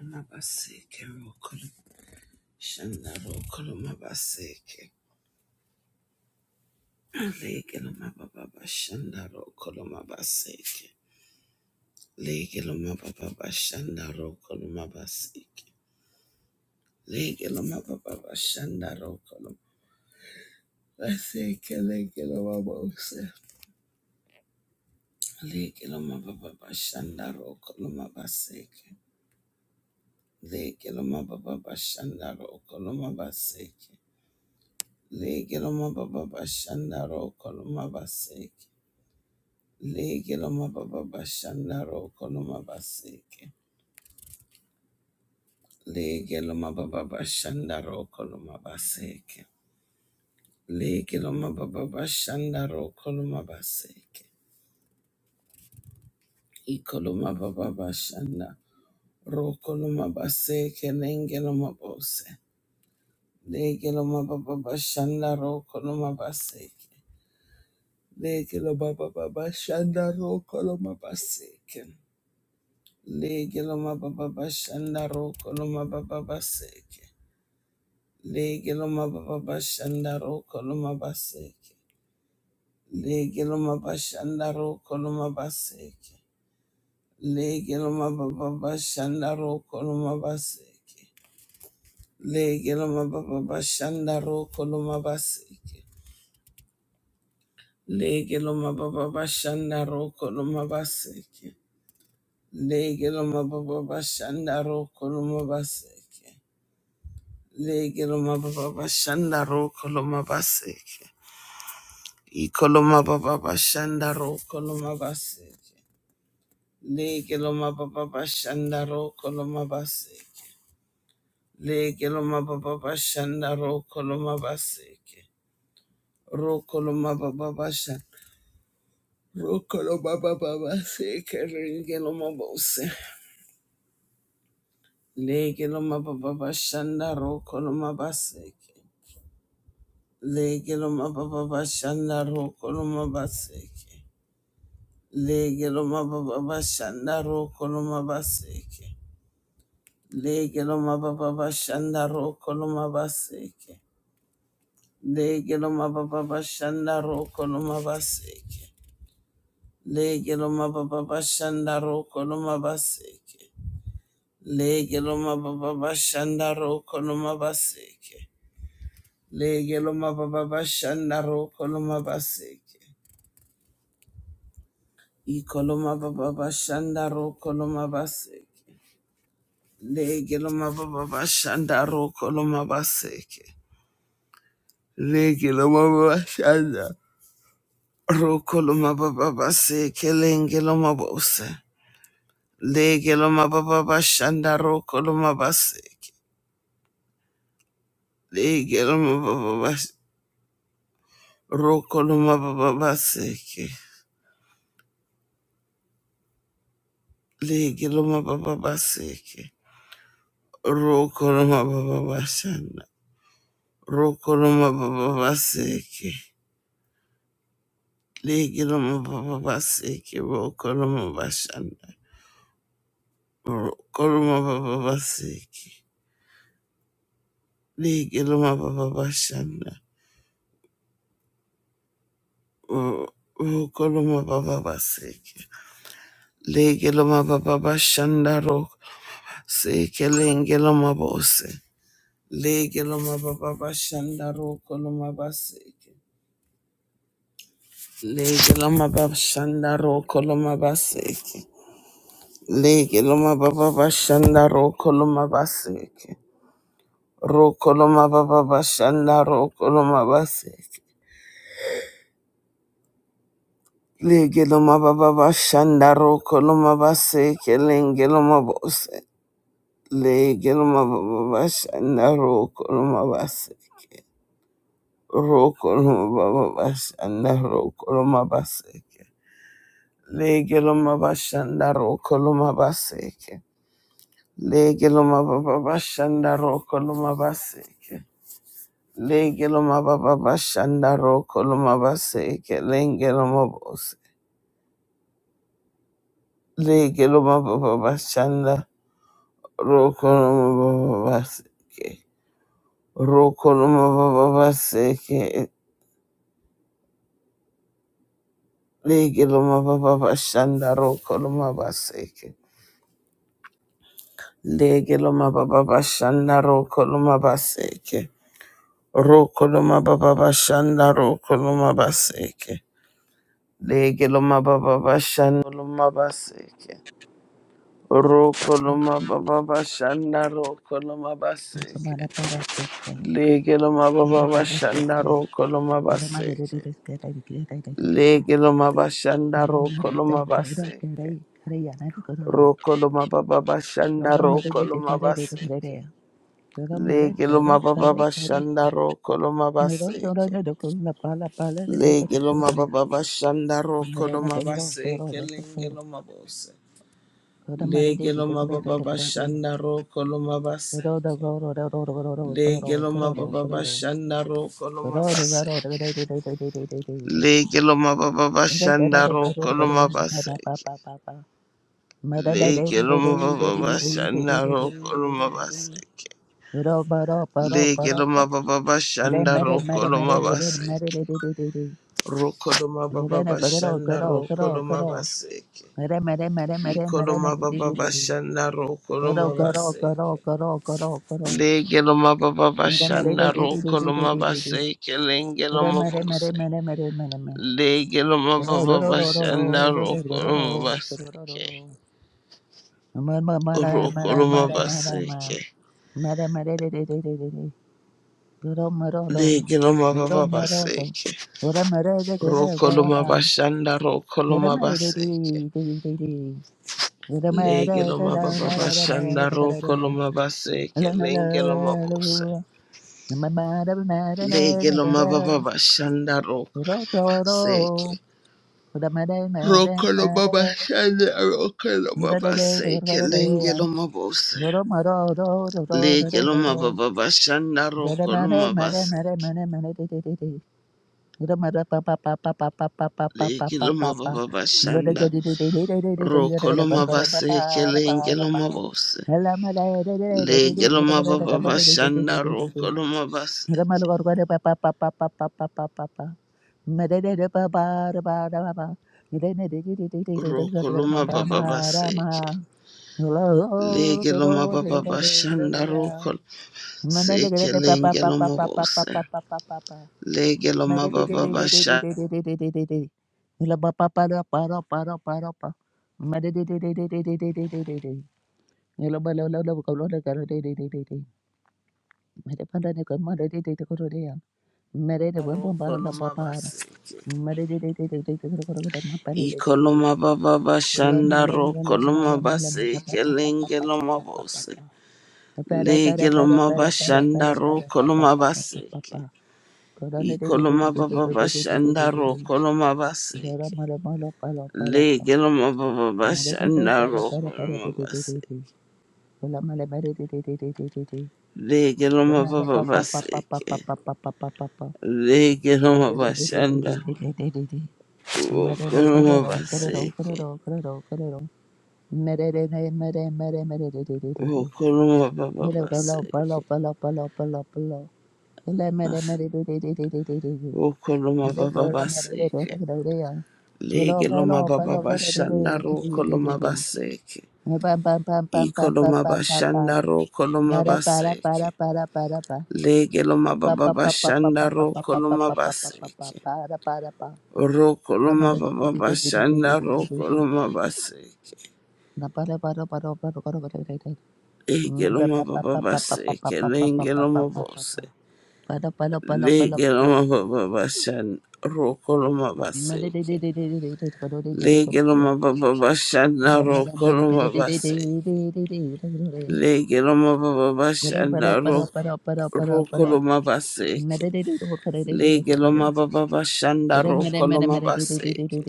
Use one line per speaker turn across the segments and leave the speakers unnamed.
Amabaseke rokolo shanda rokolo mabaseke. Legelo mababa shanda rokolo mabaseke. Legelo mababa shanda rokolo mabaseke. Legelo mababa shanda rokolo mabaseke. Legelo mabose. Legelo mababa shanda rokolo mabaseke. Legelo mababa shanda rokolo mabaseke. Legelo mababa shanda rokolo mabaseke. Lege loma baba bashanda roko loma baseke. Lege loma baba bashanda roko loma baseke. Lege loma baba bashanda roko loma baseke. Iko loma baba bashanda roko loma baseke lenge loma bose. Lege loma baba bashanda roko loma baseke. Lege loma baba bashanda roko loma baseke. Lege loma baba bashanda roko loma baba baseke. Lege loma baba bashanda roko loma baseke. Lege loma bashanda roko loma baseke. Lege loma baba bashanda roko loma baseke. Lege loma baba bashanda roko loma baseke. Lege loma baba bashanda roko loma baseke. Lege loma baba bashanda roko loma baseke. Lege loma baba bashanda roko loma baseke. Ikoloma baba bashandaro koloma basi. Lege loma baba bashandaro koloma basi. Lege loma baba bashandaro koloma basi. Roko loma baba bashan. Roko loma baba basi. Lege loma bose. Lege loma baba bashandaro koloma basi. Lege loma baba bashandaro koloma basi. Lege loma baba bashandaro koloma basi. Lege loma baba bashanda roko loma baseke. Lege loma baba bashanda roko loma baseke. Lege loma baba bashanda roko loma baseke. Lege loma baba bashanda roko loma baseke. Lege loma baba bashanda roko loma baseke. Iko loma baba bashanda roko loma baseke. Lege loma baba bashanda roko loma baseke. Lege loma baba bashanda. Rokoloma baba base kelengeloma bose. Legeloma baba bashanda rokoloma base. Legeloma baba bas rokoloma baba base. Legeloma baba base. Rokoloma baba bashanda. Rokoloma baba base. Legeloma baba base. Rokoloma bashanda. Rokoloma baba base. Legeloma baba bashanda. Oh, oh, koloma baba baseke. Lege loma baba bashanda ro. Seke lenge bose. Lege baba bashanda koloma baseke. legeloma loma baba shanda koloma baseke. legeloma loma baba bashanda koloma baseke. Ro koloma baba bashanda koloma baseke. legeloma loma baba bashanda koloma baseke lenge loma bose. Legilma Babas and the Rokolma Bas, Rokolma Babas and the Rokolma Baseke, Legilma Bashanda Rokolma Baseke, Legilma Babashanda Rokolma Baseke, Legilma Babashanda Rokolma Baseke, Lengelma Bos, Legilma Babashanda Rokolma Baseke, Rokolma Babaseke, Lege loma baba bashanda roko loma baseke. Lege loma baba bashanda roko loma baseke. Roko loma baba bashanda roko loma baseke. Lege loma baba bashanda loma baseke. Roko loma baba bashanda roko loma
Somebody
baseke.
better sit there.
Lege loma
Get
baba
a better sit
bashanda
there.
roko loma
Get a mother did
baseke.
it, get a get
Lege loma bashanda roko loma baseke. Rokoloma baba bashanda rokoloma baseke. Legeloma baba bashanda rokoloma baseke. Legeloma baba bashanda rokoloma baseke lengeloma bose. Legeloma baba bashanda rokoloma baseke. Legeloma baba bashanda rokoloma baseke.
a get a
Legeloma baba
Mada
bashanda rokoloma baseke. Legeloma baba bashanda rokoloma baseke. Legeloma baba bashanda rokoloma baseke. Rokoloma baba bashanda rokoloma baseke. Ikoloma baba bashanda rokoloma baseke. Legeloma baba bashanda rokoloma baseke lengeloma bose. Legeloma baba bashanda rokoloma baseke.
Mara mara mara mara
Rokoloma
mara mara.
baseke.
Mara mara de de de de de de. Guru maro do.
Legeloma
Guru
baba
maro do.
baseke.
Guru mara de guru
Rokoloma
gawapa.
bashanda
Guru
rokoloma
mara de
baseke.
de de de de. Guru mara
Lege
da
loma
da
baba
mara da da
bashanda
da da da
roko
da.
loma
La
baseke
la la
lenge loma
la
bose.
la. Ma ma da ma da da
Lege
da da da.
baba bashanda roko
Guru do do.
seke.
Guru mara ma da
Roko
ma
loma
da.
bashanda roko loma
Guru de de de guru
baseke
de de.
lenge loma bose.
Guru maro do do do
Lege
do do do.
baba bashanda
Mare
roko
mare
loma
mare mare
baseke.
mare mare de de de de. Mare mare pa pa pa pa pa pa pa pa pa pa
Lege
pa pa
loma
pa.
baba
Mare
bashanda
de de de de de de de de de de
roko
de de. Kar
loma
kar pa pa
baseke
ra pa
lenge
ra pa.
loma bose.
Mala mala de de de de de de
Lege
de de de
baba
de de de de de de
bashanda
de de de.
roko loma
Mare
baseke.
mala kar kar pa pa pa pa pa pa pa pa pa pa. Mare de de pa pa ra pa ra pa pa. Mare de de de de de de de de de
Roko
de de. Ma
baba
ma ra
baseke.
ma.
Legeloma baba bashanda
Hello,
roko
Mother,
seke lengeloma bose. Legeloma baba bashanda roko loma baseke. Ikoloma baba bashanda roko loma baseke lengeloma bose.
Pere pere pere pere
Legeloma
pere pere
bashanda
pere pere
roko
pere
loma
pere
baseke.
pere Corona de de de de de
Ikoloma
de de de
baba
de de
bashanda
de de de.
roko loma
Jara
baseke.
mala mala pala pala pala.
Legeloma baba
Mala de de
bashanda
para
roko
para para de
loma
de de de
baseke.
de. Kola mala mala de de de de de de de.
Legeloma
Rama
baba
pa pa pa pa pa
baseke.
pa pa pa pa pa pa pa pa.
Lege no
Mala de de de de de
mabashanda,
de de de de. Mala
boko
do
no
kara do kara do kara
mabaseke,
do kara do kara do. Mere de de mere mere mere de de de de de.
boko no
Mere kola pala
mabababaseke,
pala pala pala pala. Kola mere mere de de de de de de de.
boko no
Para
mabababaseke, lege no mabababashanda, roko no mabaseke,
para para
iko no mabashanda, roko no mabaseke, lege no mabababashanda, roko no mabaseke, roko no mabababashanda, roko no mabaseke, lege no mabababaseke, lenge no mabose. Lege loma
para
baba bashan roko loma baseke. Lege
para.
baba bashan
Mere
na rokoloma loma baseke. Lege baba bashan na roko roko loma baseke. Lege baba bashan na rokoloma loma baseke.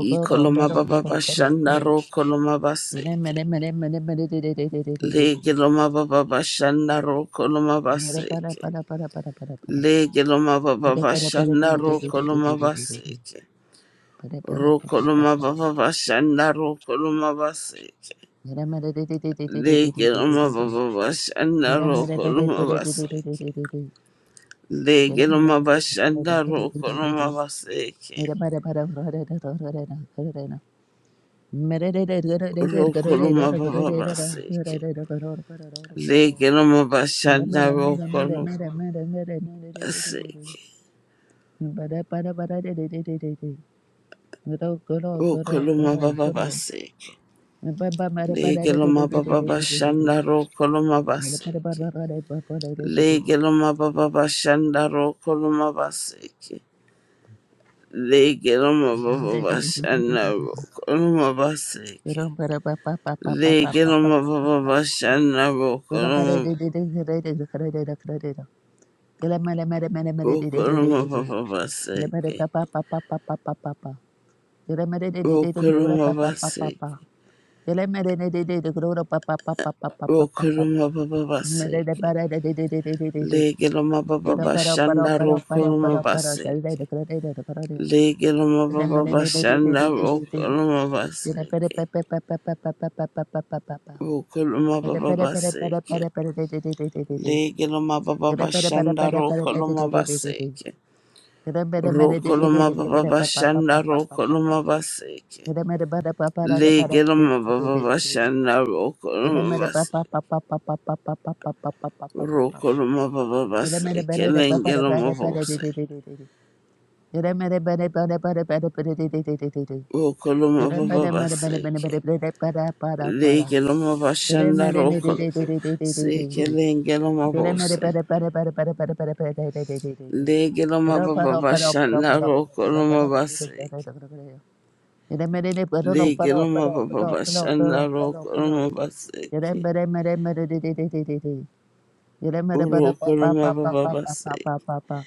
Iko baba bashan na rokoloma loma baseke. Lege baba bashan na rokoloma loma baseke. Lege baba bashan na rokoloma loma baseke. Rokoloma baba bashanda rokoloma baseke. Legeloma baba bashanda rokoloma baseke.
Mera
Legeloma bashanda rokoloma baseke. Rokoloma baba baseke. Legeloma bashanda rokoloma baseke. Rokoloma baba baseke. Legeloma baba bashanda rokoloma baseke. Legeloma baba bashanda rokoloma baseke. Lege loma baba bashana roko loma baseke. Lege loma baba bashana roko
Papa,
loma roko loma baba baseke. Roko loma baseke. Roko loma baba baseke. Lege loma baba bashana roko loma baseke. Lege loma baba bashana roko loma baseke. Roko loma baba baseke. Lege loma
get
baba
para
bashanda roko loma baseke. Rokoloma baba bashanda rokoloma baseke. Legeloma baba bashanda rokoloma bas. Rokoloma baba baseke lengeloma bose.
para.
Rokoloma baba baseke. Legeloma bashanda rokol seke lengeloma
Pere
bose.
mere pere pere pere pere pere pere pere de de de de de de.
Legeloma
Pero
baba
pero pero pero
bashanda
pero pero
rokoloma
pero de de de
baseke.
de de de de de. Pere mere de pero no pero
Legeloma
pero
baba
pero pero
bashanda
pero pero pero.
rokoloma
Pere
baseke.
mere mere mere de de de de de de. Pere mere para pa pa pa
Rokoloma
pa
baba
pa pa pa
baseke.
pa pa pa.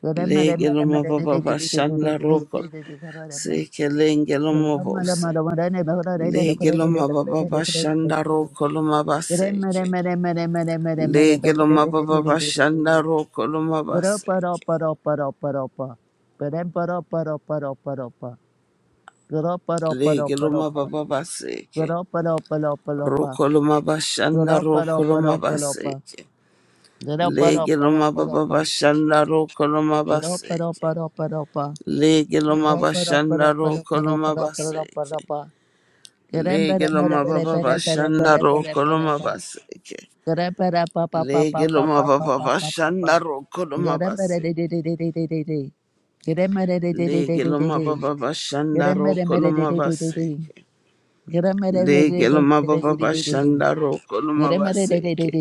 Pere mere mere
Legeloma
mere de
baba
de de de de de de de
bashanda roko
de de de de pa.
seke lengeloma
Mara mara
bose.
mara ne bagara de de de de de
Legeloma
de
baba
de de de de
bashanda
de.
roko loma
Pere mere
baseke.
mere mere mere mere mere mere de de
Legeloma
de
baba
de de de de
bashanda
de.
roko loma baseke.
Gro-pa-do-pa-do-pa-do-pa-do-pa. Ba-dam-pa-do-pa-do-pa-do-pa-do-pa.
Legeloma
Gro-pa-do-pa-do-pa-do-pa.
baba baseke.
Gro-pa-do-pa-do-pa-do-pa.
Roko loma bashanda
pa
roko loma baseke. Legeloma baba bashanda roko loma
do pa gro pa pa do pa pa pa pa pa pa pa
baseke.
pa
Legeloma bashanda roko
pa
loma
pa
baseke.
pa do re me re be
Lege
re
loma
be
baba
re be re
bashanda
re
roko loma baseke. Lege loma baba bashanda roko
de
loma
de
baseke.
de de de
Lege loma
de
baba
Get
bashanda roko loma baseke. Lege loma baba bashanda roko loma baseke.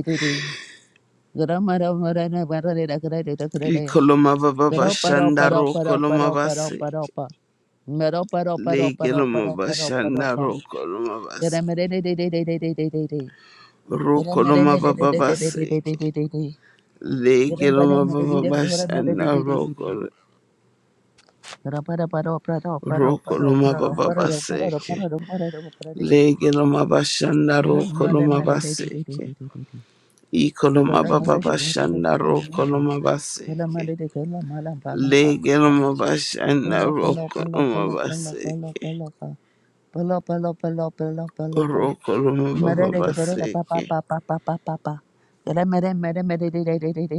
Iko loma baba bashanda roko loma baseke. Lege loma bashanda roko loma baseke. Roko loma baba baseke. Lege loma baba bashanda roko. Roko loma baba baseke. Lege loma bashanda roko loma baseke. Iko loma baba bashanda roko loma baseke. Lege loma bashanda roko loma baseke. Roko loma baba baseke.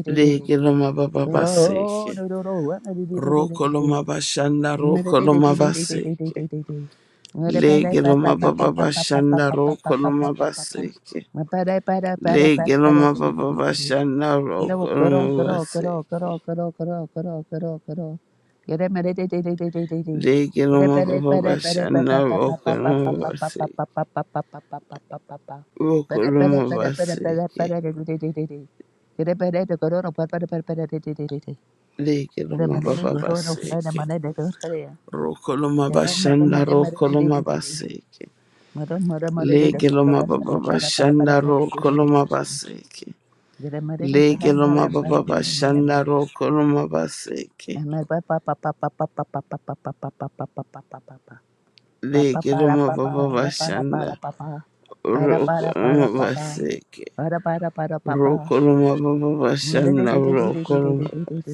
Lege loma baba baseke. Roko loma bashanda
Get
roko loma baseke. Lege loma baba bashanda roko loma baseke. Legeloma baba bashanda rokoloma basi. Legeloma baba bashanda rokoloma basi. Rokoloma basike. Legeloma baba basike.
a better,
Rokoloma
Mere mere
bashanda
mere mere di di
rokoloma
di di di.
basike.
Mere mere mere di da konga ba
Legeloma baba
para para para para
bashanda
para di di di di
rokoloma
di.
basike.
Mere mere di kana mere
Legeloma baba
mere mere mere mere.
bashanda rokoloma basike.
Mere pa pa pa pa pa pa pa pa pa pa pa pa pa pa pa pa pa pa. Pa pa para
Legeloma
pa pa
baba
la para para
bashanda
pa pa. Para para
rokoloma
para pa pa.
basike.
Para para para pa pa.
Rokoroma baba
Mere di
bashanda
di di di di di di
rokoroma
di di di.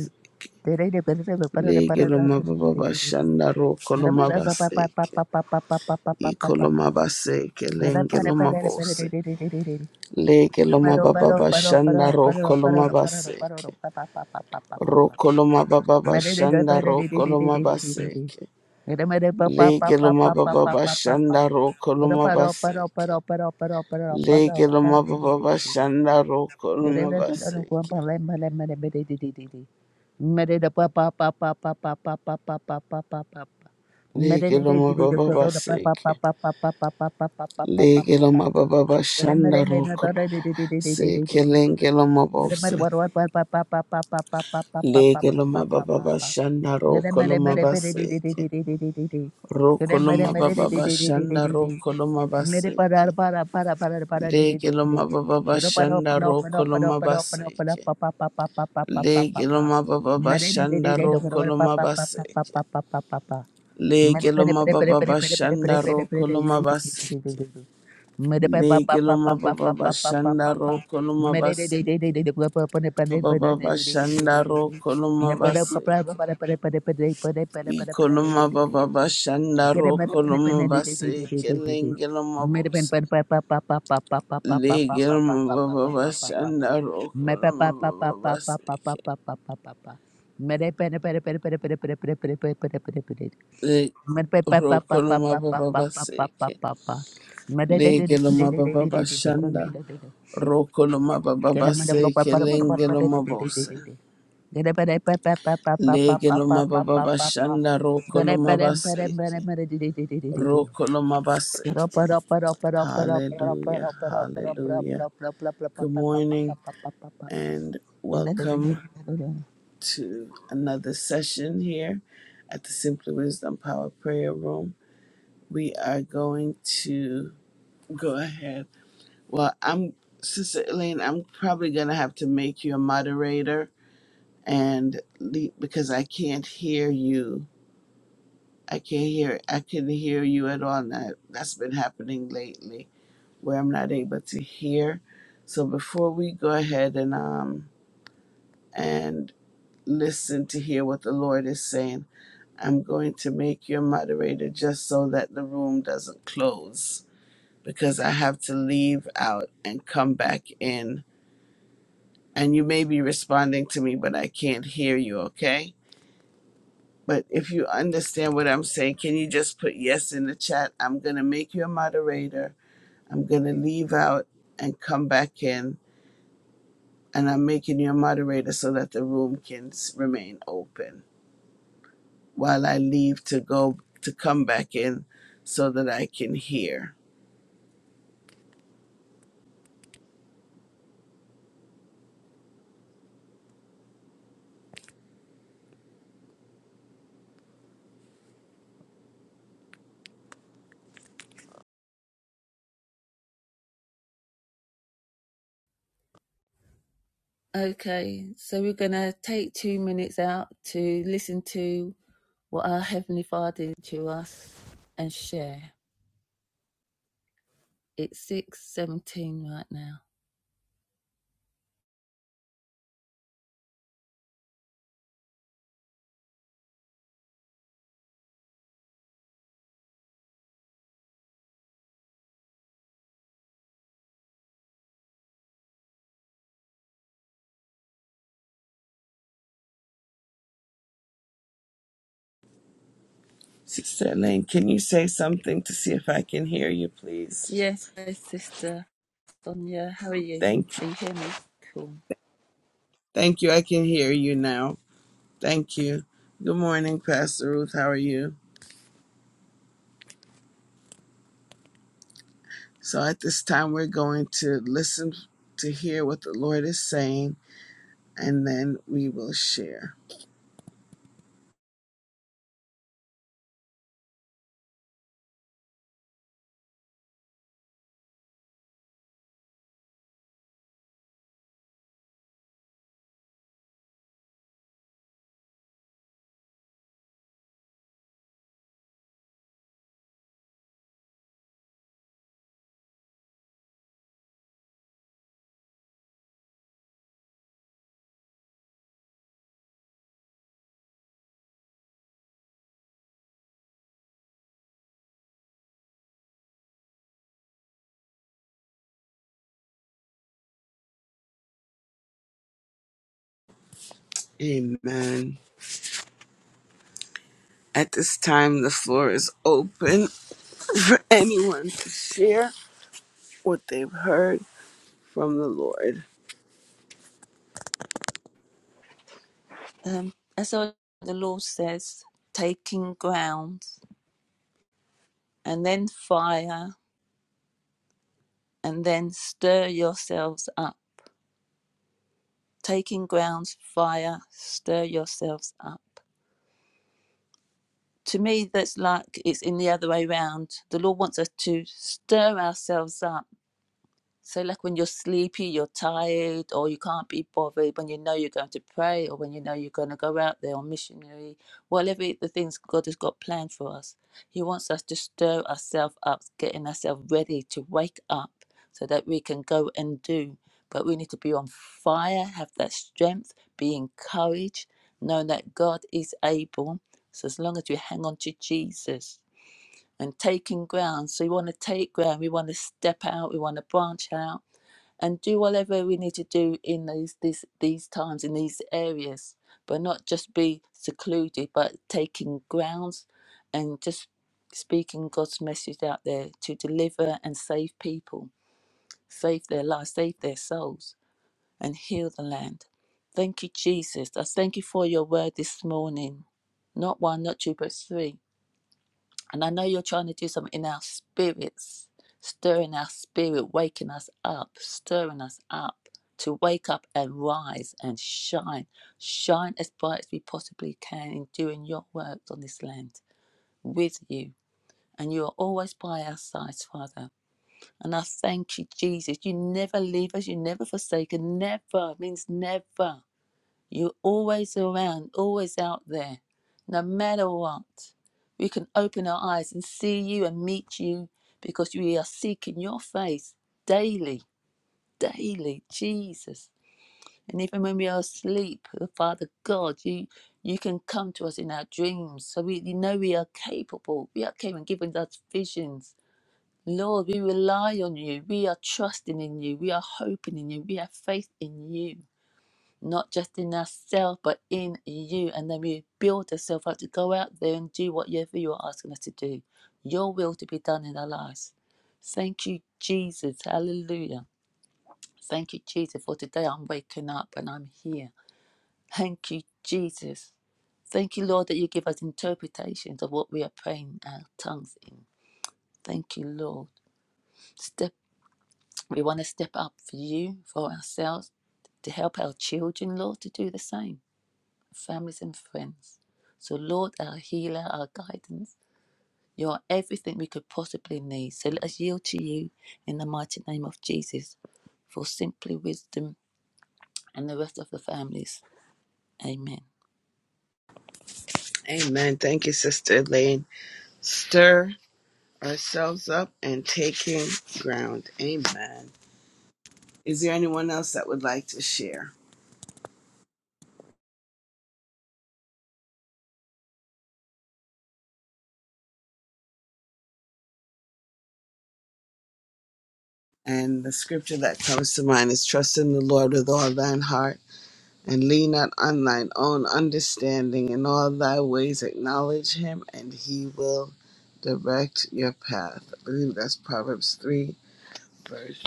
Tere de pere de para para para
legeloma
para di di
baba
di di di.
bashanda
Mere pa
rokoroma
pa pa pa
baseke
pa pa pa pa pa pa pa pa pa pa
ikoloma
pa.
baseke
Para para
lengeloma
para para
bose
de de de de de de.
legeloma
Paro
baba
paro paro
bashanda
paro paro
rokoroma
paro paro paro
baseke
pa pa pa pa pa pa pa pa.
rokoroma baba
Mare de de
bashanda
para de de de de de
rokoroma
de de de.
baseke
Mare mare pa pa pa pa
legeloma
pa pa
baba
pa pa pa pa.
bashanda
Paro
rokoroma
paro paro
baseke
paro paro paro paro paro
legeloma
para de de
baba
de de de.
bashanda rokoroma baseke legeloma baba baseke Legelo mababa shanda roko seke lengelo
Mere
mabose.
mere war war war pa pa pa pa pa pa pa pa pa pa pa
Legelo
pa
mababa
pa pa.
bashanda
Mere mere
Rokoloma
mere mere di di di di di
mabaseke.
di di di di. Mere
Roko
mere mere di
mababa
di di di di di
bashanda
di di.
roko
Mere parar
mabaseke.
para para para para di di di
Legelo
di di.
mababa
Mere paro
bashanda
paro paro
roko
paro paro paro paro
mabaseke.
pa pa pa pa pa pa pa pa pa
Legelo
pa.
mababa
Mere di di di
bashanda
di do war
roko
war pa pa pa pa pa pa
mabaseke.
pa pa pa pa. Mere
Legelo
mere mere mere
mababa
mere mere mere
bashanda
mere mere mere
roko
di di di di
mabaseke.
di di di. Mede
Legelo mababa bashanda roko mabaseke. Baba Bashanda ro Koloma Baseke. Ikoloma Baba Bashanda ro Koloma Baseke Lengeloma Bose. Legeloma Baba Bashanda ro Koloma Baba Baseke. Le
Okay,
ro koloma Baba Baseke. Legeloma Baba Bashanda. ro koloma Baba Baseke Lengeloma Bose. Legeloma Baba Bashanda Rokoloma Baseke. Ro koloma Baseke. Hallelujah. Hallelujah. Good morning and welcome to another session here at the Simply Wisdom Power Prayer Room. We are going to go ahead. Well, I'm Sister Elaine, I'm probably going to have to make you a moderator and leave because I can't hear you. I can't hear I couldn't hear you at all. That that's been happening lately where I'm not able to hear. So before we go ahead and um and listen to hear what the Lord is saying, I'm going to make you a moderator just so that the room doesn't close because I have to leave out and come back in. And you may be responding to me, but I can't hear you, okay? But if you understand what I'm saying, can you just put yes in the chat? I'm going to make you a moderator. I'm going to leave out and come back in and I'm making you a moderator so that the room can s- remain open while I leave to go to come back in so that I can hear.
so we're going to take two minutes out to listen to what our Heavenly Father did to us and share. It's 6.17 right now.
Sister Elaine, can you say something to see if I can hear you, please?
Yes, Sister Sonia, how are you?
Thank you.
Can you hear me? Cool.
Thank you. I can hear you now. Thank you. Good morning, Pastor Ruth. How are you? So at this time, we're going to listen to hear what the Lord is saying, and then we will share. Amen. At this time, the floor is open for anyone to share what they've heard from the Lord.
Um, and so the Lord says, taking ground and then fire and then stir yourselves up. Taking ground, fire, stir yourselves up. To me, that's like it's in the other way round. The Lord wants us to stir ourselves up So, like when you're sleepy, you're tired, or you can't be bothered, when you know you're going to pray, or when you know you're going to go out there on missionary, whatever the things God has got planned for us, He wants us to stir ourselves up, getting ourselves ready to wake up so that we can go and do. But we need to be on fire, have that strength, be encouraged, knowing that God is able. So, as long as we hang on to Jesus and taking ground, so we want to take ground, we want to step out, we want to branch out and do whatever we need to do in these these these times in these areas, but not just be secluded, but taking grounds and just speaking God's message out there to deliver and save people, save their lives, save their souls, and heal the land. Thank you, Jesus. I thank you for your word this morning. Not one, not two, but three. And I know you're trying to do something in our spirits, stirring our spirit, waking us up, stirring us up to wake up and rise and shine, shine as bright as we possibly can in doing your work on this land with you. And you are always by our sides, Father. And I thank you, Jesus. You never leave us, you never forsake us, never means never. You're always around, always out there, no matter what. We can open our eyes and see you and meet you because we are seeking your face daily, daily, Jesus. And even when we are asleep, Father God, you you can come to us in our dreams. So we you know we are capable. We are capable and giving us visions. Lord, we rely on you. We are trusting in you. We are hoping in you. We have faith in you not just in ourselves, but in you. And then we build ourselves up to go out there and do whatever you're asking us to do. Your will to be done in our lives. Thank you, Jesus. Hallelujah. Thank you, Jesus, for today I'm waking up and I'm here. Thank you, Jesus. Thank you, Lord, that you give us interpretations of what we are praying our tongues in. Thank you, Lord. Step, we want to step up for you, for ourselves, to help our children, Lord, to do the same. families, and friends. So, Lord, our healer, our guidance, you are everything we could possibly need. So, let us yield to you in the mighty name of Jesus for simply wisdom and the rest of the families. Amen.
Amen. Thank you, Sister Elaine. Stir ourselves up and taking ground. Amen. Is there anyone else that would like to share? And the scripture that comes to mind is trust in the Lord with all thine heart and lean not on thine own understanding. In all thy ways acknowledge him and he will direct your path. I believe that's Proverbs 3, verse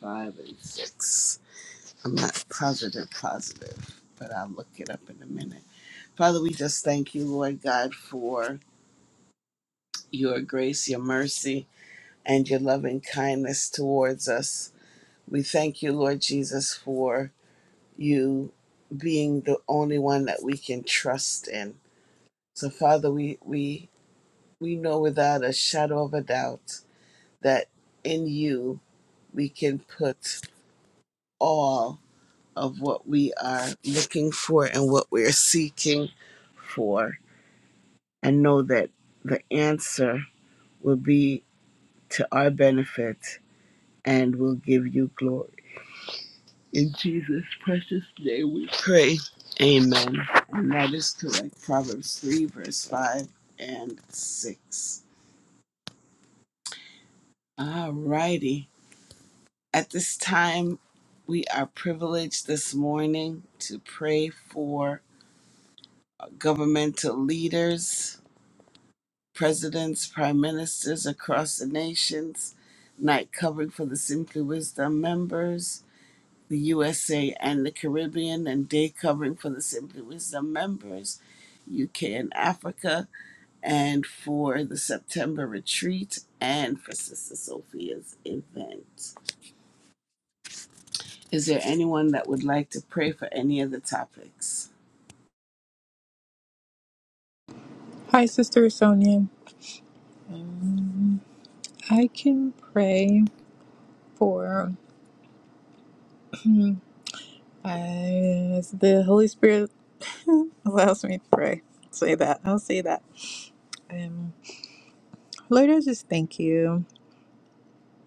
5 and 6. I'm not positive, positive, but I'll look it up in a minute. Father, we just thank you, Lord God, for your grace, your mercy, and your loving kindness towards us. We thank you, Lord Jesus, for you being the only one that we can trust in. So, Father, we, we, we know without a shadow of a doubt that in you we can put all of what we are looking for and what we're seeking for, and know that the answer will be to our benefit and will give you glory. In Jesus' precious name we pray. Amen. And that is correct. Proverbs 3, verse 5 and 6. All righty. At this time, we are privileged this morning to pray for governmental leaders presidents, prime ministers across the nations, night covering for the Simply Wisdom members, the USA and the Caribbean, and day covering for the Simply Wisdom members, UK and Africa, and for the September retreat and for Sister Sophia's event. Is there anyone that would like to pray for any of the topics?
Hi, Sister Sonia. I can pray for as the Holy Spirit allows me to pray. Say that. I'll say that. Um, Lord, I just thank you.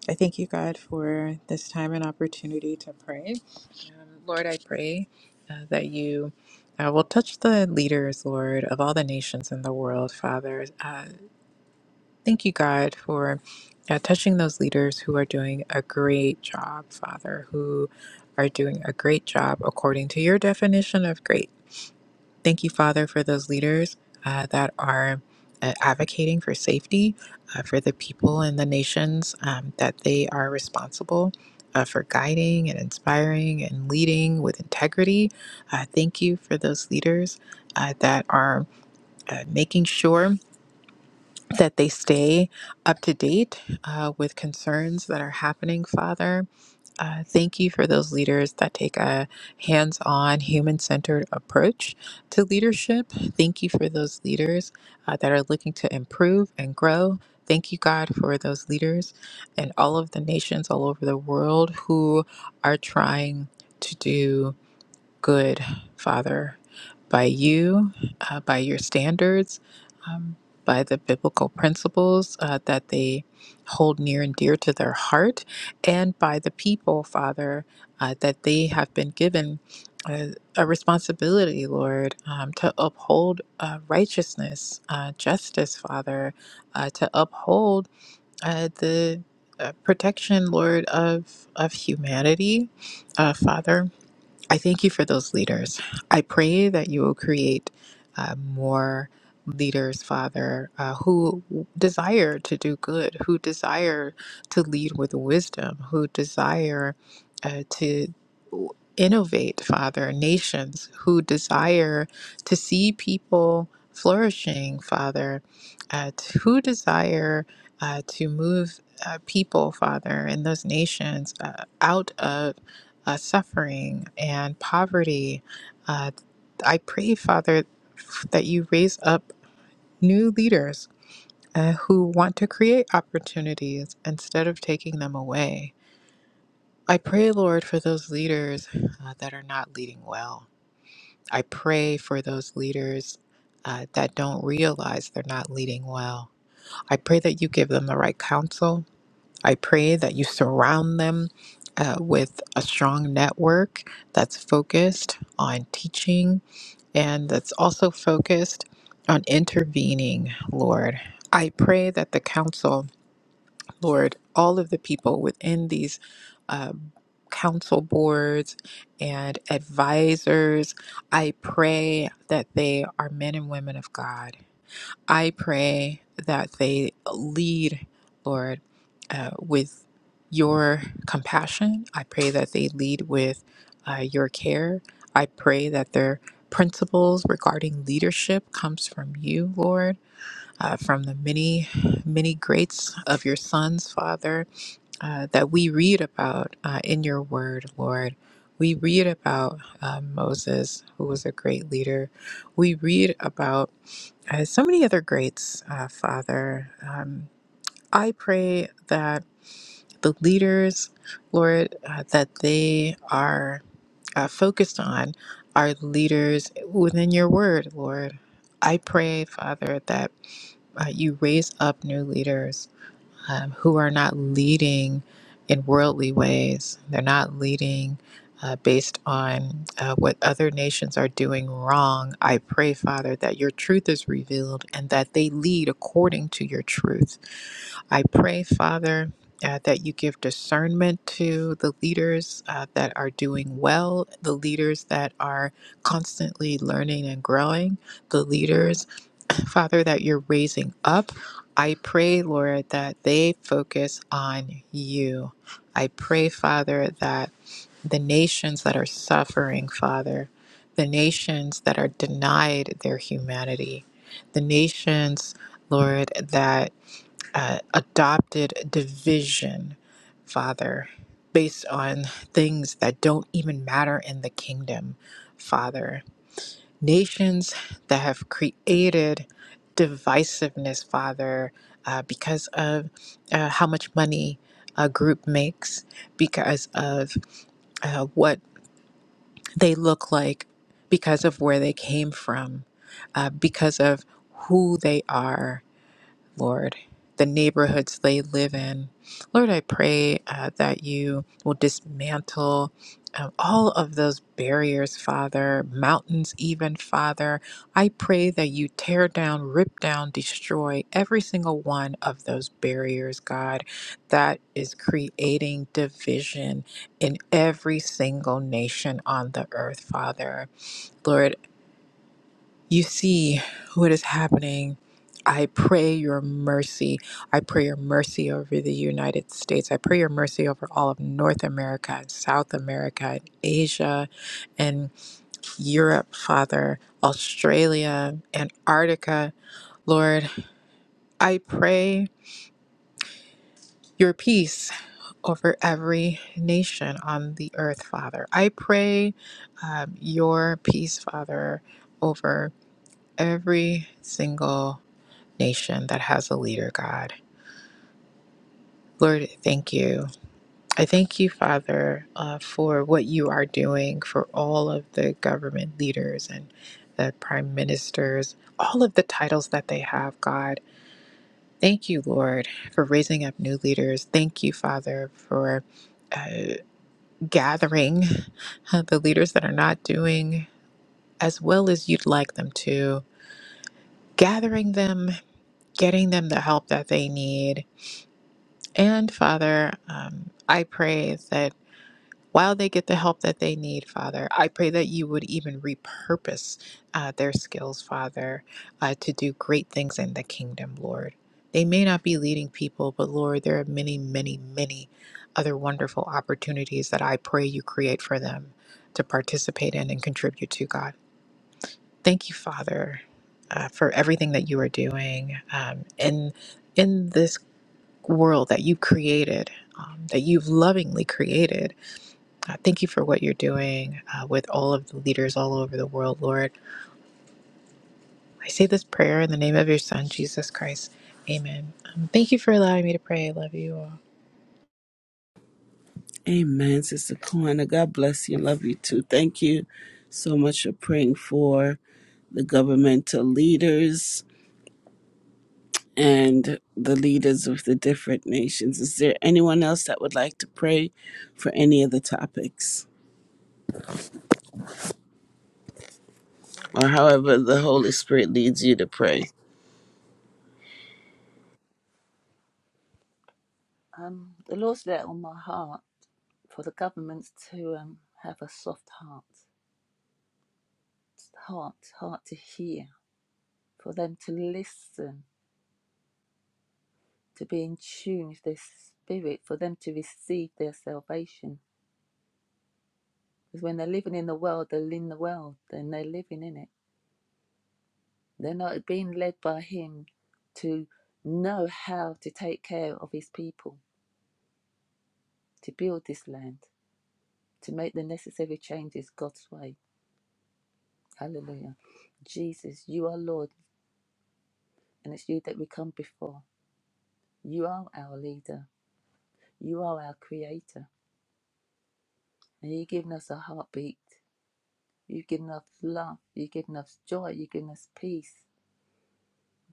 I thank you, God, for this time and opportunity to pray. Um, Lord, I pray uh, that you uh, will touch the leaders, Lord, of all the nations in the world, Father. Uh, Thank you, God, for uh, touching those leaders who are doing a great job, Father, who are doing a great job according to your definition of great. Thank you, Father, for those leaders uh, that are uh, advocating for safety uh, for the people and the nations um, that they are responsible. Uh, for guiding and inspiring and leading with integrity. Uh, thank you for those leaders uh, that are uh, making sure that they stay up to date uh, with concerns that are happening, Father. Uh, thank you for those leaders that take a hands on, human centered approach to leadership. Thank you for those leaders uh, that are looking to improve and grow. Thank you, God, for those leaders and all of the nations all over the world who are trying to do good, Father, by you, uh, by your standards, um, by the biblical principles uh, that they hold near and dear to their heart, and by the people, Father, uh, that they have been given a, a responsibility, Lord, um, to uphold uh, righteousness, uh, justice, Father, uh, to uphold uh, the uh, protection, Lord, of of humanity, uh, Father I thank you for those leaders. I pray that you will create uh, more leaders, Father, uh, who desire to do good, who desire to lead with wisdom, who desire uh, to innovate, Father, nations, who desire to see people flourishing, Father, uh, t- who desire uh, to move. Uh, people, Father, in those nations, uh, out of uh, suffering and poverty. Uh, I pray, Father, that you raise up new leaders uh, who want to create opportunities instead of taking them away. I pray, Lord, for those leaders uh, that are not leading well. I pray for those leaders uh, that don't realize they're not leading well. I pray that you give them the right counsel. I pray that you surround them uh, with a strong network that's focused on teaching and that's also focused on intervening, Lord. I pray that the council, Lord, all of the people within these uh, council boards and advisors, I pray that they are men and women of God I pray that they lead, Lord, uh, with your compassion. I pray that they lead with uh, your care. I pray that their principles regarding leadership comes from you, Lord, uh, from the many, many greats of your sons, Father, uh, that we read about uh, in your word, Lord. We read about uh, Moses, who was a great leader. We read about as so many other greats, uh, Father. Um, I pray that the leaders, Lord, uh, that they are uh, focused on are leaders within your word, Lord. I pray, Father, that uh, you raise up new leaders um, who are not leading in worldly ways. They're not leading uh, based on uh, what other nations are doing wrong. I pray, Father, that your truth is revealed and that they lead according to your truth. I pray, Father. Uh, that you give discernment to the leaders uh, that are doing well, the leaders that are constantly learning and growing, the leaders Father, that you're raising up. I pray, Lord, that they focus on you. I pray, Father, that the nations that are suffering, Father, the nations that are denied their humanity, the nations, Lord, that uh, adopted division, Father, based on things that don't even matter in the kingdom, Father nations that have created divisiveness, Father, uh, because of uh, how much money a group makes, because of uh, what they look like, because of where they came from, uh, because of who they are Lord, the neighborhoods they live in. Lord, I pray uh, that you will dismantle um, all of those barriers, Father, mountains, even, Father. I pray that you tear down, rip down, destroy every single one of those barriers, God, that is creating division in every single nation on the earth, Father. Lord, you see what is happening. I pray your mercy. I pray your mercy over the United States. I pray your mercy over all of North America and South America and Asia and Europe, Father, Australia, Antarctica. Lord, I pray your peace over every nation on the earth, Father. I pray um, your peace, Father, over every single nation that has a leader, God. Lord, thank you. I thank you, Father, uh, for what you are doing for all of the government leaders and the prime ministers, all of the titles that they have, God. Thank you, Lord, for raising up new leaders. Thank you, Father, for uh, gathering uh, the leaders that are not doing as well as you'd like them to, gathering them, getting them the help that they need, And Father, um, I pray that while they get the help that they need, Father, I pray that you would even repurpose uh, their skills, Father, uh, to do great things in the kingdom, Lord. They may not be leading people, but Lord, there are many, many, many other wonderful opportunities that I pray you create for them to participate in and contribute to, God. Thank you, Father, uh, for everything that you are doing um, in in this world that you created, um, that you've lovingly created. Uh, thank you for what you're doing uh, with all of the leaders all over the world, Lord. I say this prayer in the name of your Son, Jesus Christ. Amen. Um, thank you for allowing me to pray. I love you all.
Amen, Sister Kwana. God bless you. Love you too. Thank you so much for praying for the governmental leaders and the leaders of the different nations. Is there anyone else that would like to pray for any of the topics or however the Holy Spirit leads you to pray?
Um, the Lord's laid on my heart for the governments to um, have a soft heart, heart, heart to hear, for them to listen, to be in tune with their spirit, for them to receive their salvation. Because when they're living in the world, they're in the world, and they're living in it They're not being led by Him to know how to take care of His people, to build this land, to make the necessary changes God's way. Hallelujah. Jesus, you are Lord, and it's you that we come before. You are our leader, you are our creator, and you've given us a heartbeat. You've given us love, you've given us joy, you've given us peace.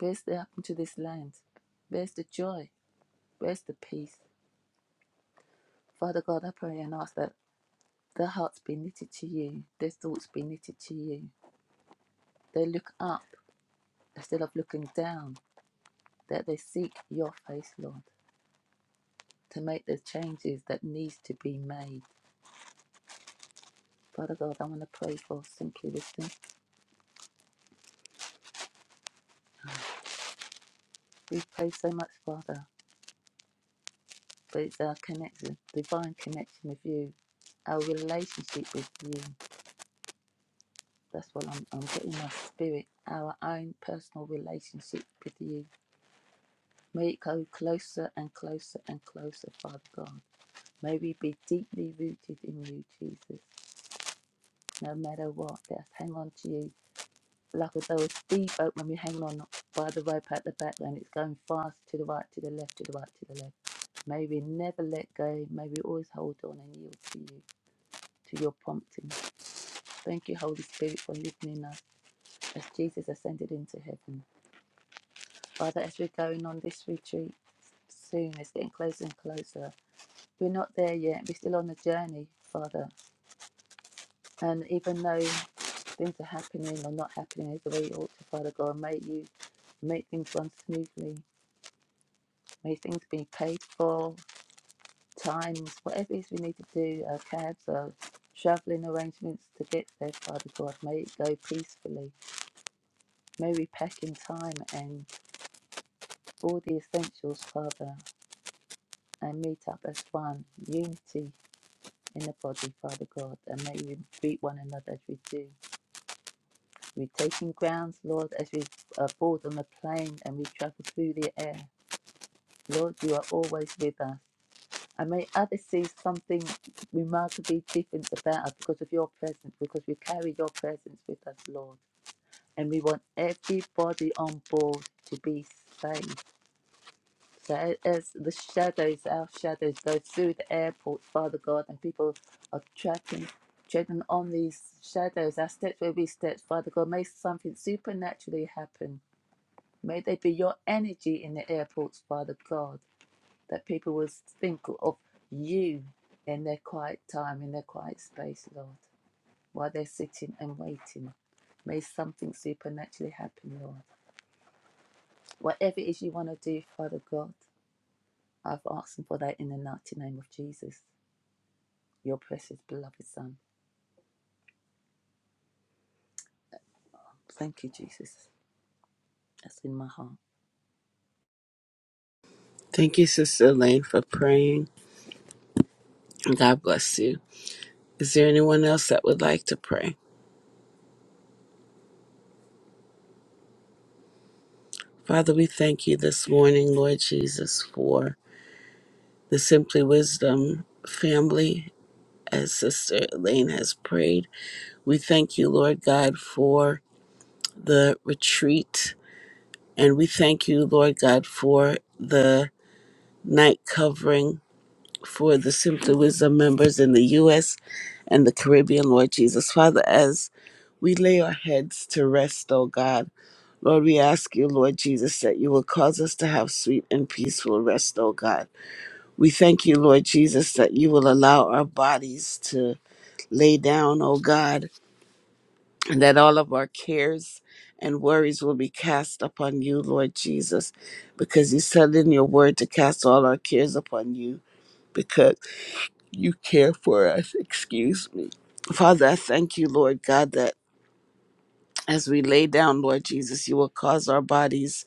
Where's the happen to this land? Where's the joy? Where's the peace? Father God, I pray and ask that Their hearts be knitted to you, their thoughts be knitted to you. They look up instead of looking down, that they seek your face, Lord, to make the changes that needs to be made. Father God, I want to pray for simply listening. We pray so much, Father, but it's our connection, divine connection with you, our relationship with you. That's what I'm, I'm getting my spirit, our own personal relationship with you. May it go closer and closer and closer, Father God. May we be deeply rooted in you, Jesus, no matter what. Let's hang on to you. Like a though a boat when we hang on by the rope at the back and it's going fast to the right, to the left, to the right, to the left. May we never let go. May we always hold on and yield to you, to your prompting. Thank you, Holy Spirit, for living in us as Jesus ascended into heaven. Father, as we're going on this retreat, soon. It's getting closer and closer. We're not there yet. We're still on the journey, Father. And even though things are happening or not happening is the way you ought to, Father God. May you make things run smoothly. May things be paid for, times, whatever it is we need to do, uh, cabs or travelling arrangements to get there, Father God. May it go peacefully. May we pack in time and all the essentials, Father, and meet up as one, unity in the body, Father God. And may we greet one another as we do. We're taking grounds, Lord, as we uh, board on the plane and we travel through the air. Lord, you are always with us. And may others see something remarkably different about us because of your presence, because we carry your presence with us, Lord. And we want everybody on board to be safe. So as the shadows, our shadows go through the airport, Father God, and people are tracking, treading on these shadows, our steps where we step, Father God, may something supernaturally happen. May there be your energy in the airports, Father God that people will think of you in their quiet time, in their quiet space, Lord, while they're sitting and waiting. May something supernaturally happen, Lord. Whatever it is you want to do, Father God, I've asked for that in the mighty name of Jesus, your precious beloved Son. Thank you, Jesus. That's in my heart.
Thank you, Sister Elaine, for praying. God bless you. Is there anyone else that would like to pray? Father, we thank you this morning, Lord Jesus, for the Simply Wisdom family as Sister Elaine has prayed. We thank you, Lord God, for the retreat. And we thank you, Lord God, for the night covering for the Simply Wisdom members in the U.S. and the Caribbean, Lord Jesus. Father, as we lay our heads to rest, O God, Lord, we ask you, Lord Jesus, that you will cause us to have sweet and peaceful rest, O God. We thank you, Lord Jesus, that you will allow our bodies to lay down, O God, and that all of our cares and worries will be cast upon you, Lord Jesus, because you said in your word to cast all our cares upon you because you care for us. Excuse me. Father, I thank you, Lord God, that as we lay down, Lord Jesus, you will cause our bodies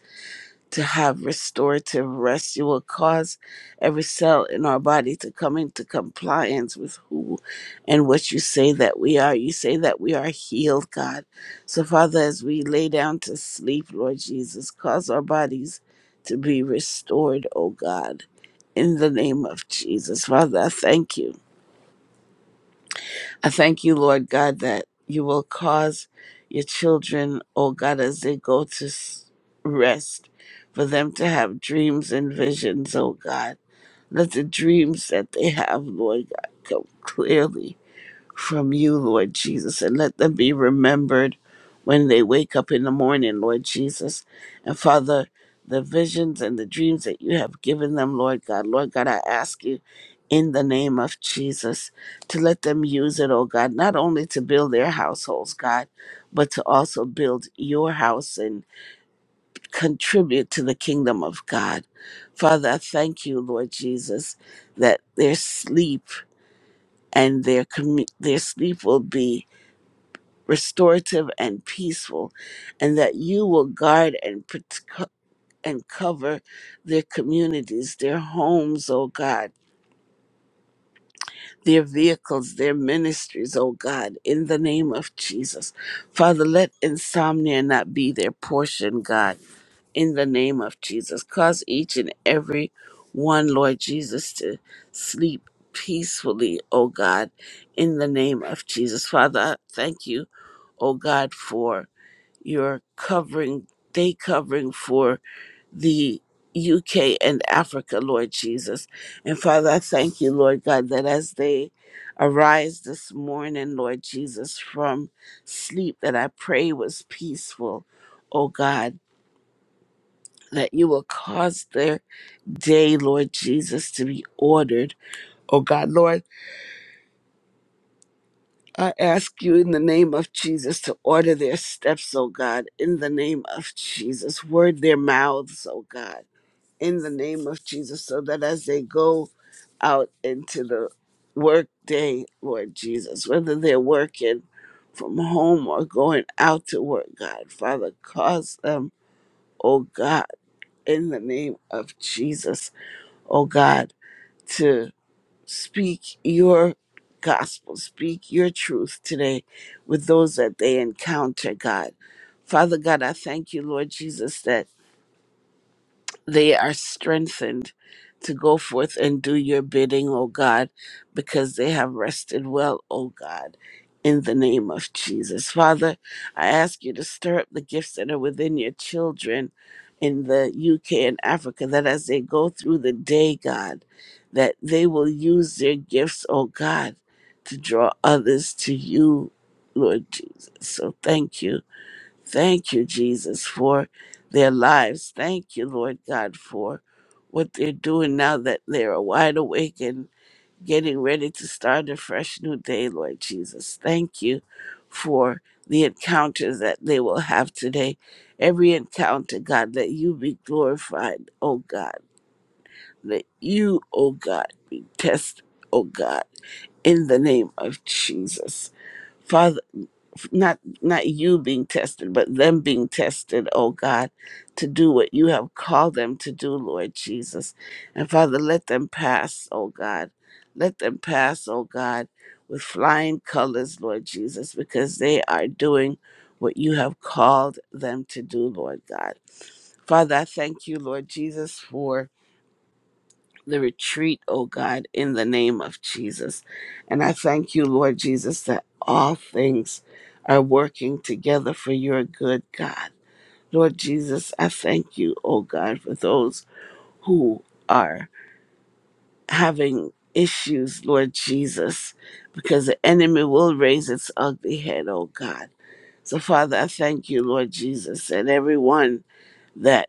to have restorative rest. You will cause every cell in our body to come into compliance with who and what you say that we are. You say that we are healed, God. So, Father, as we lay down to sleep, Lord Jesus, cause our bodies to be restored, O God. In the name of Jesus. Father, I thank you. I thank you, Lord God, that you will cause your children, oh God, as they go to s- rest, for them to have dreams and visions, oh God. Let the dreams that they have, Lord God, come clearly from you, Lord Jesus, and let them be remembered when they wake up in the morning, Lord Jesus. And Father, the visions and the dreams that you have given them, Lord God, Lord God, I ask you in the name of Jesus to let them use it, oh God, not only to build their households, God, but to also build your house and contribute to the kingdom of God. Father, I thank you, Lord Jesus, that their sleep and their commu- their sleep will be restorative and peaceful, and that you will guard and prot- and cover their communities, their homes, oh God, their vehicles, their ministries, oh God, in the name of Jesus. Father, let insomnia not be their portion, God, in the name of Jesus. Cause each and every one, Lord Jesus, to sleep peacefully, oh God, in the name of Jesus. Father, I thank you, oh God, for you're covering, day covering for the UK and Africa, Lord Jesus. And Father, I thank you, Lord God, that as they arise this morning, Lord Jesus, from sleep, that I pray was peaceful, oh God, that you will cause their day, Lord Jesus, to be ordered, oh God. Lord, I ask you in the name of Jesus to order their steps, oh God, in the name of Jesus. Word their mouths, oh God in the name of Jesus, so that as they go out into the work day, Lord Jesus, whether they're working from home or going out to work, God, Father, cause them, oh God, in the name of Jesus, oh God, to speak your gospel, speak your truth today with those that they encounter, God. Father God, I thank you, Lord Jesus, that. they are strengthened to go forth and do your bidding, O God, because they have rested well, O God, in the name of Jesus. Father, I ask you to stir up the gifts that are within your children in the UK and Africa, that as they go through the day, God, that they will use their gifts, O God, to draw others to you, Lord Jesus. So thank you Thank you, Jesus, for their lives. Thank you, Lord God, for what they're doing now that they're wide awake and getting ready to start a fresh new day, Lord Jesus. Thank you for the encounters that they will have today. Every encounter, God, that you be glorified, oh God. That you, oh God, be tested, oh God, in the name of Jesus. Father, not not you being tested but them being tested oh god to do what you have called them to do lord jesus and father let them pass oh god let them pass oh god with flying colors lord jesus because they are doing what you have called them to do lord god father i thank you lord jesus for the retreat, oh God, in the name of Jesus. And I thank you, Lord Jesus, that all things are working together for your good, God. Lord Jesus, I thank you, oh God, for those who are having issues, Lord Jesus, because the enemy will raise its ugly head, oh God. So, Father, I thank you, Lord Jesus, and everyone that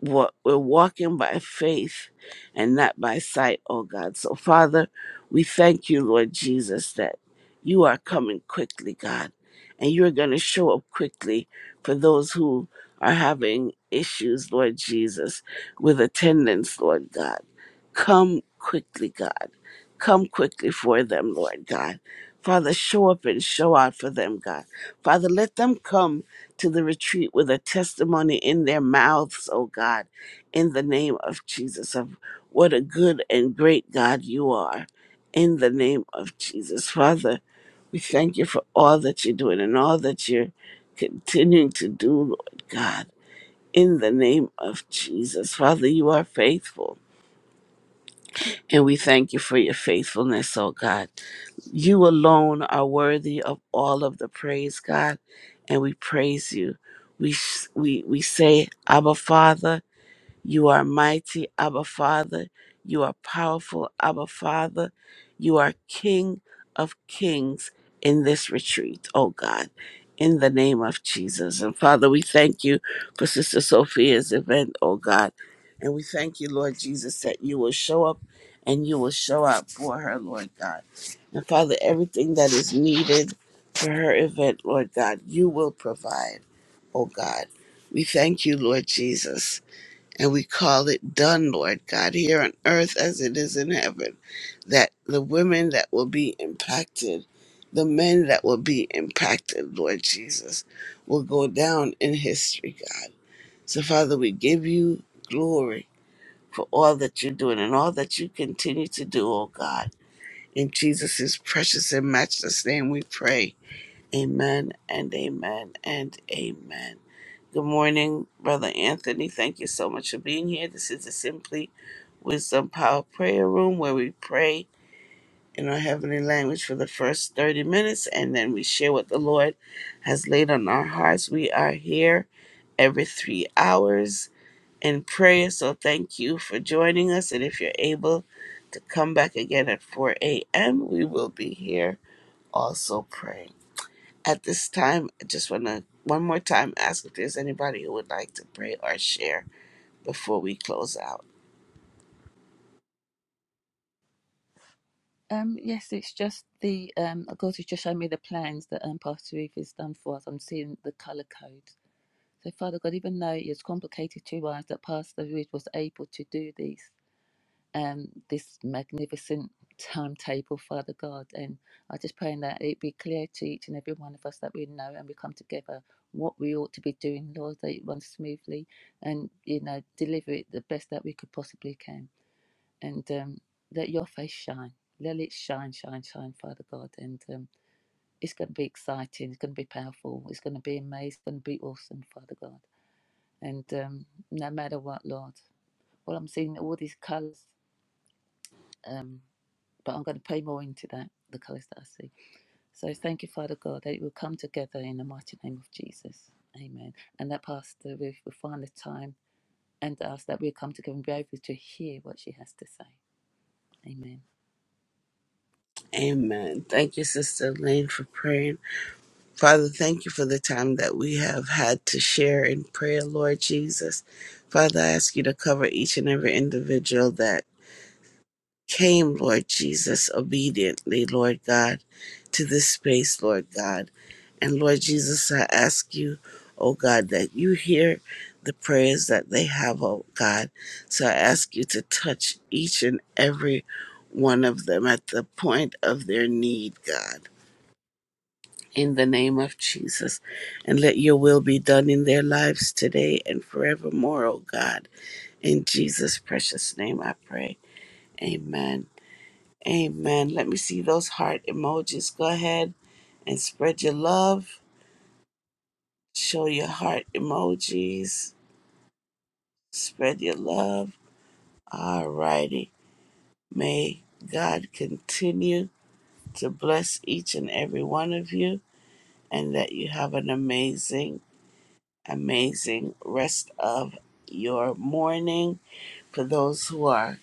wa- we're walking by faith and not by sight, oh God. So, Father, we thank you, Lord Jesus, that you are coming quickly, God, and you're going to show up quickly for those who are having issues, Lord Jesus, with attendance, Lord God. Come quickly, God. Come quickly for them, Lord God. Father, show up and show out for them, God. Father, let them come to the retreat with a testimony in their mouths, oh God, in the name of Jesus, of what a good and great God you are, in the name of Jesus. Father, we thank you for all that you're doing and all that you're continuing to do, Lord God, in the name of Jesus. Father, you are faithful, and we thank you for your faithfulness, oh God. You alone are worthy of all of the praise, God, and we praise you. We, sh- we, we say, Abba, Father. You are mighty, Abba Father. You are powerful, Abba Father. You are King of kings in this retreat, oh God, in the name of Jesus. And Father, we thank you for Sister Sophia's event, oh God. And we thank you, Lord Jesus, that you will show up and you will show up for her, Lord God. And Father, everything that is needed for her event, Lord God, you will provide, oh God. We thank you, Lord Jesus and we call it done, Lord God, here on earth as it is in heaven, that the women that will be impacted, the men that will be impacted, Lord Jesus, will go down in history, God. So, Father, we give you glory for all that you're doing and all that you continue to do, oh God. In Jesus' precious and matchless name we pray. Amen and amen and amen. Good morning, Brother Anthony. Thank you so much for being here. This is the Simply Wisdom Power Prayer Room where we pray in our heavenly language for the first 30 minutes and then we share what the Lord has laid on our hearts. We are here every three hours in prayer, so thank you for joining us. And if you're able to come back again at 4 a.m., we will be here also praying. At this time, I just want to one more time ask if there's anybody who would like to pray or share before we close out.
Um, yes, it's just the um, God has just shown me the plans that um, Pastor Ruth has done for us. I'm seeing the color code So, Father God, even though it's complicated to us that Pastor Ruth was able to do this, um, this magnificent timetable, Father God, and I just praying that it be clear to each and every one of us that we know and we come together what we ought to be doing, Lord, that it runs smoothly and, you know, deliver it the best that we could possibly can. And um, let your face shine. Let it shine, shine, shine, Father God. And um, it's going to be exciting. It's going to be powerful. It's going to be amazing. It's going to be awesome, Father God and um, no matter what, Lord. Well, I'm seeing all these colors, um, but I'm going to pay more into that, the colors that I see. So thank you, Father God, that it will come together in the mighty name of Jesus. Amen. And that Pastor Ruth will find the time and us that we'll come together and be able to hear what she has to say. Amen.
Amen. Thank you, Sister Elaine, for praying. Father, thank you for the time that we have had to share in prayer, Lord Jesus. Father, I ask you to cover each and every individual that came, Lord Jesus, obediently, Lord God, to this space, Lord God. And Lord Jesus, I ask you, oh God, that you hear the prayers that they have, oh God. So I ask you to touch each and every one of them at the point of their need, God. In the name of Jesus, and let your will be done in their lives today and forevermore, oh God. In Jesus' precious name I pray. Amen Amen. Let me see those heart emojis. Go ahead and spread your love. Show your heart emojis. Spread your love. All righty. May God continue to bless each and every one of you and that you have an amazing, amazing rest of your morning. For those who are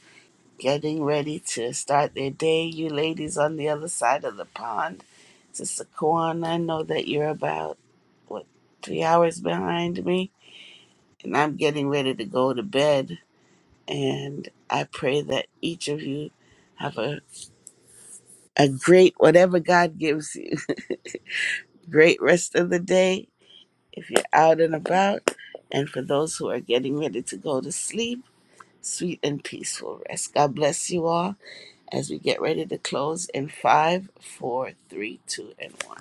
getting ready to start their day. You ladies on the other side of the pond. Sister Kwan, I know that you're about, what, three hours behind me? And I'm getting ready to go to bed. And I pray that each of you have a, a great, whatever God gives you, great rest of the day if you're out and about. And for those who are getting ready to go to sleep, sweet and peaceful rest. God bless you all as we get ready to close in five, four, three, two, and one.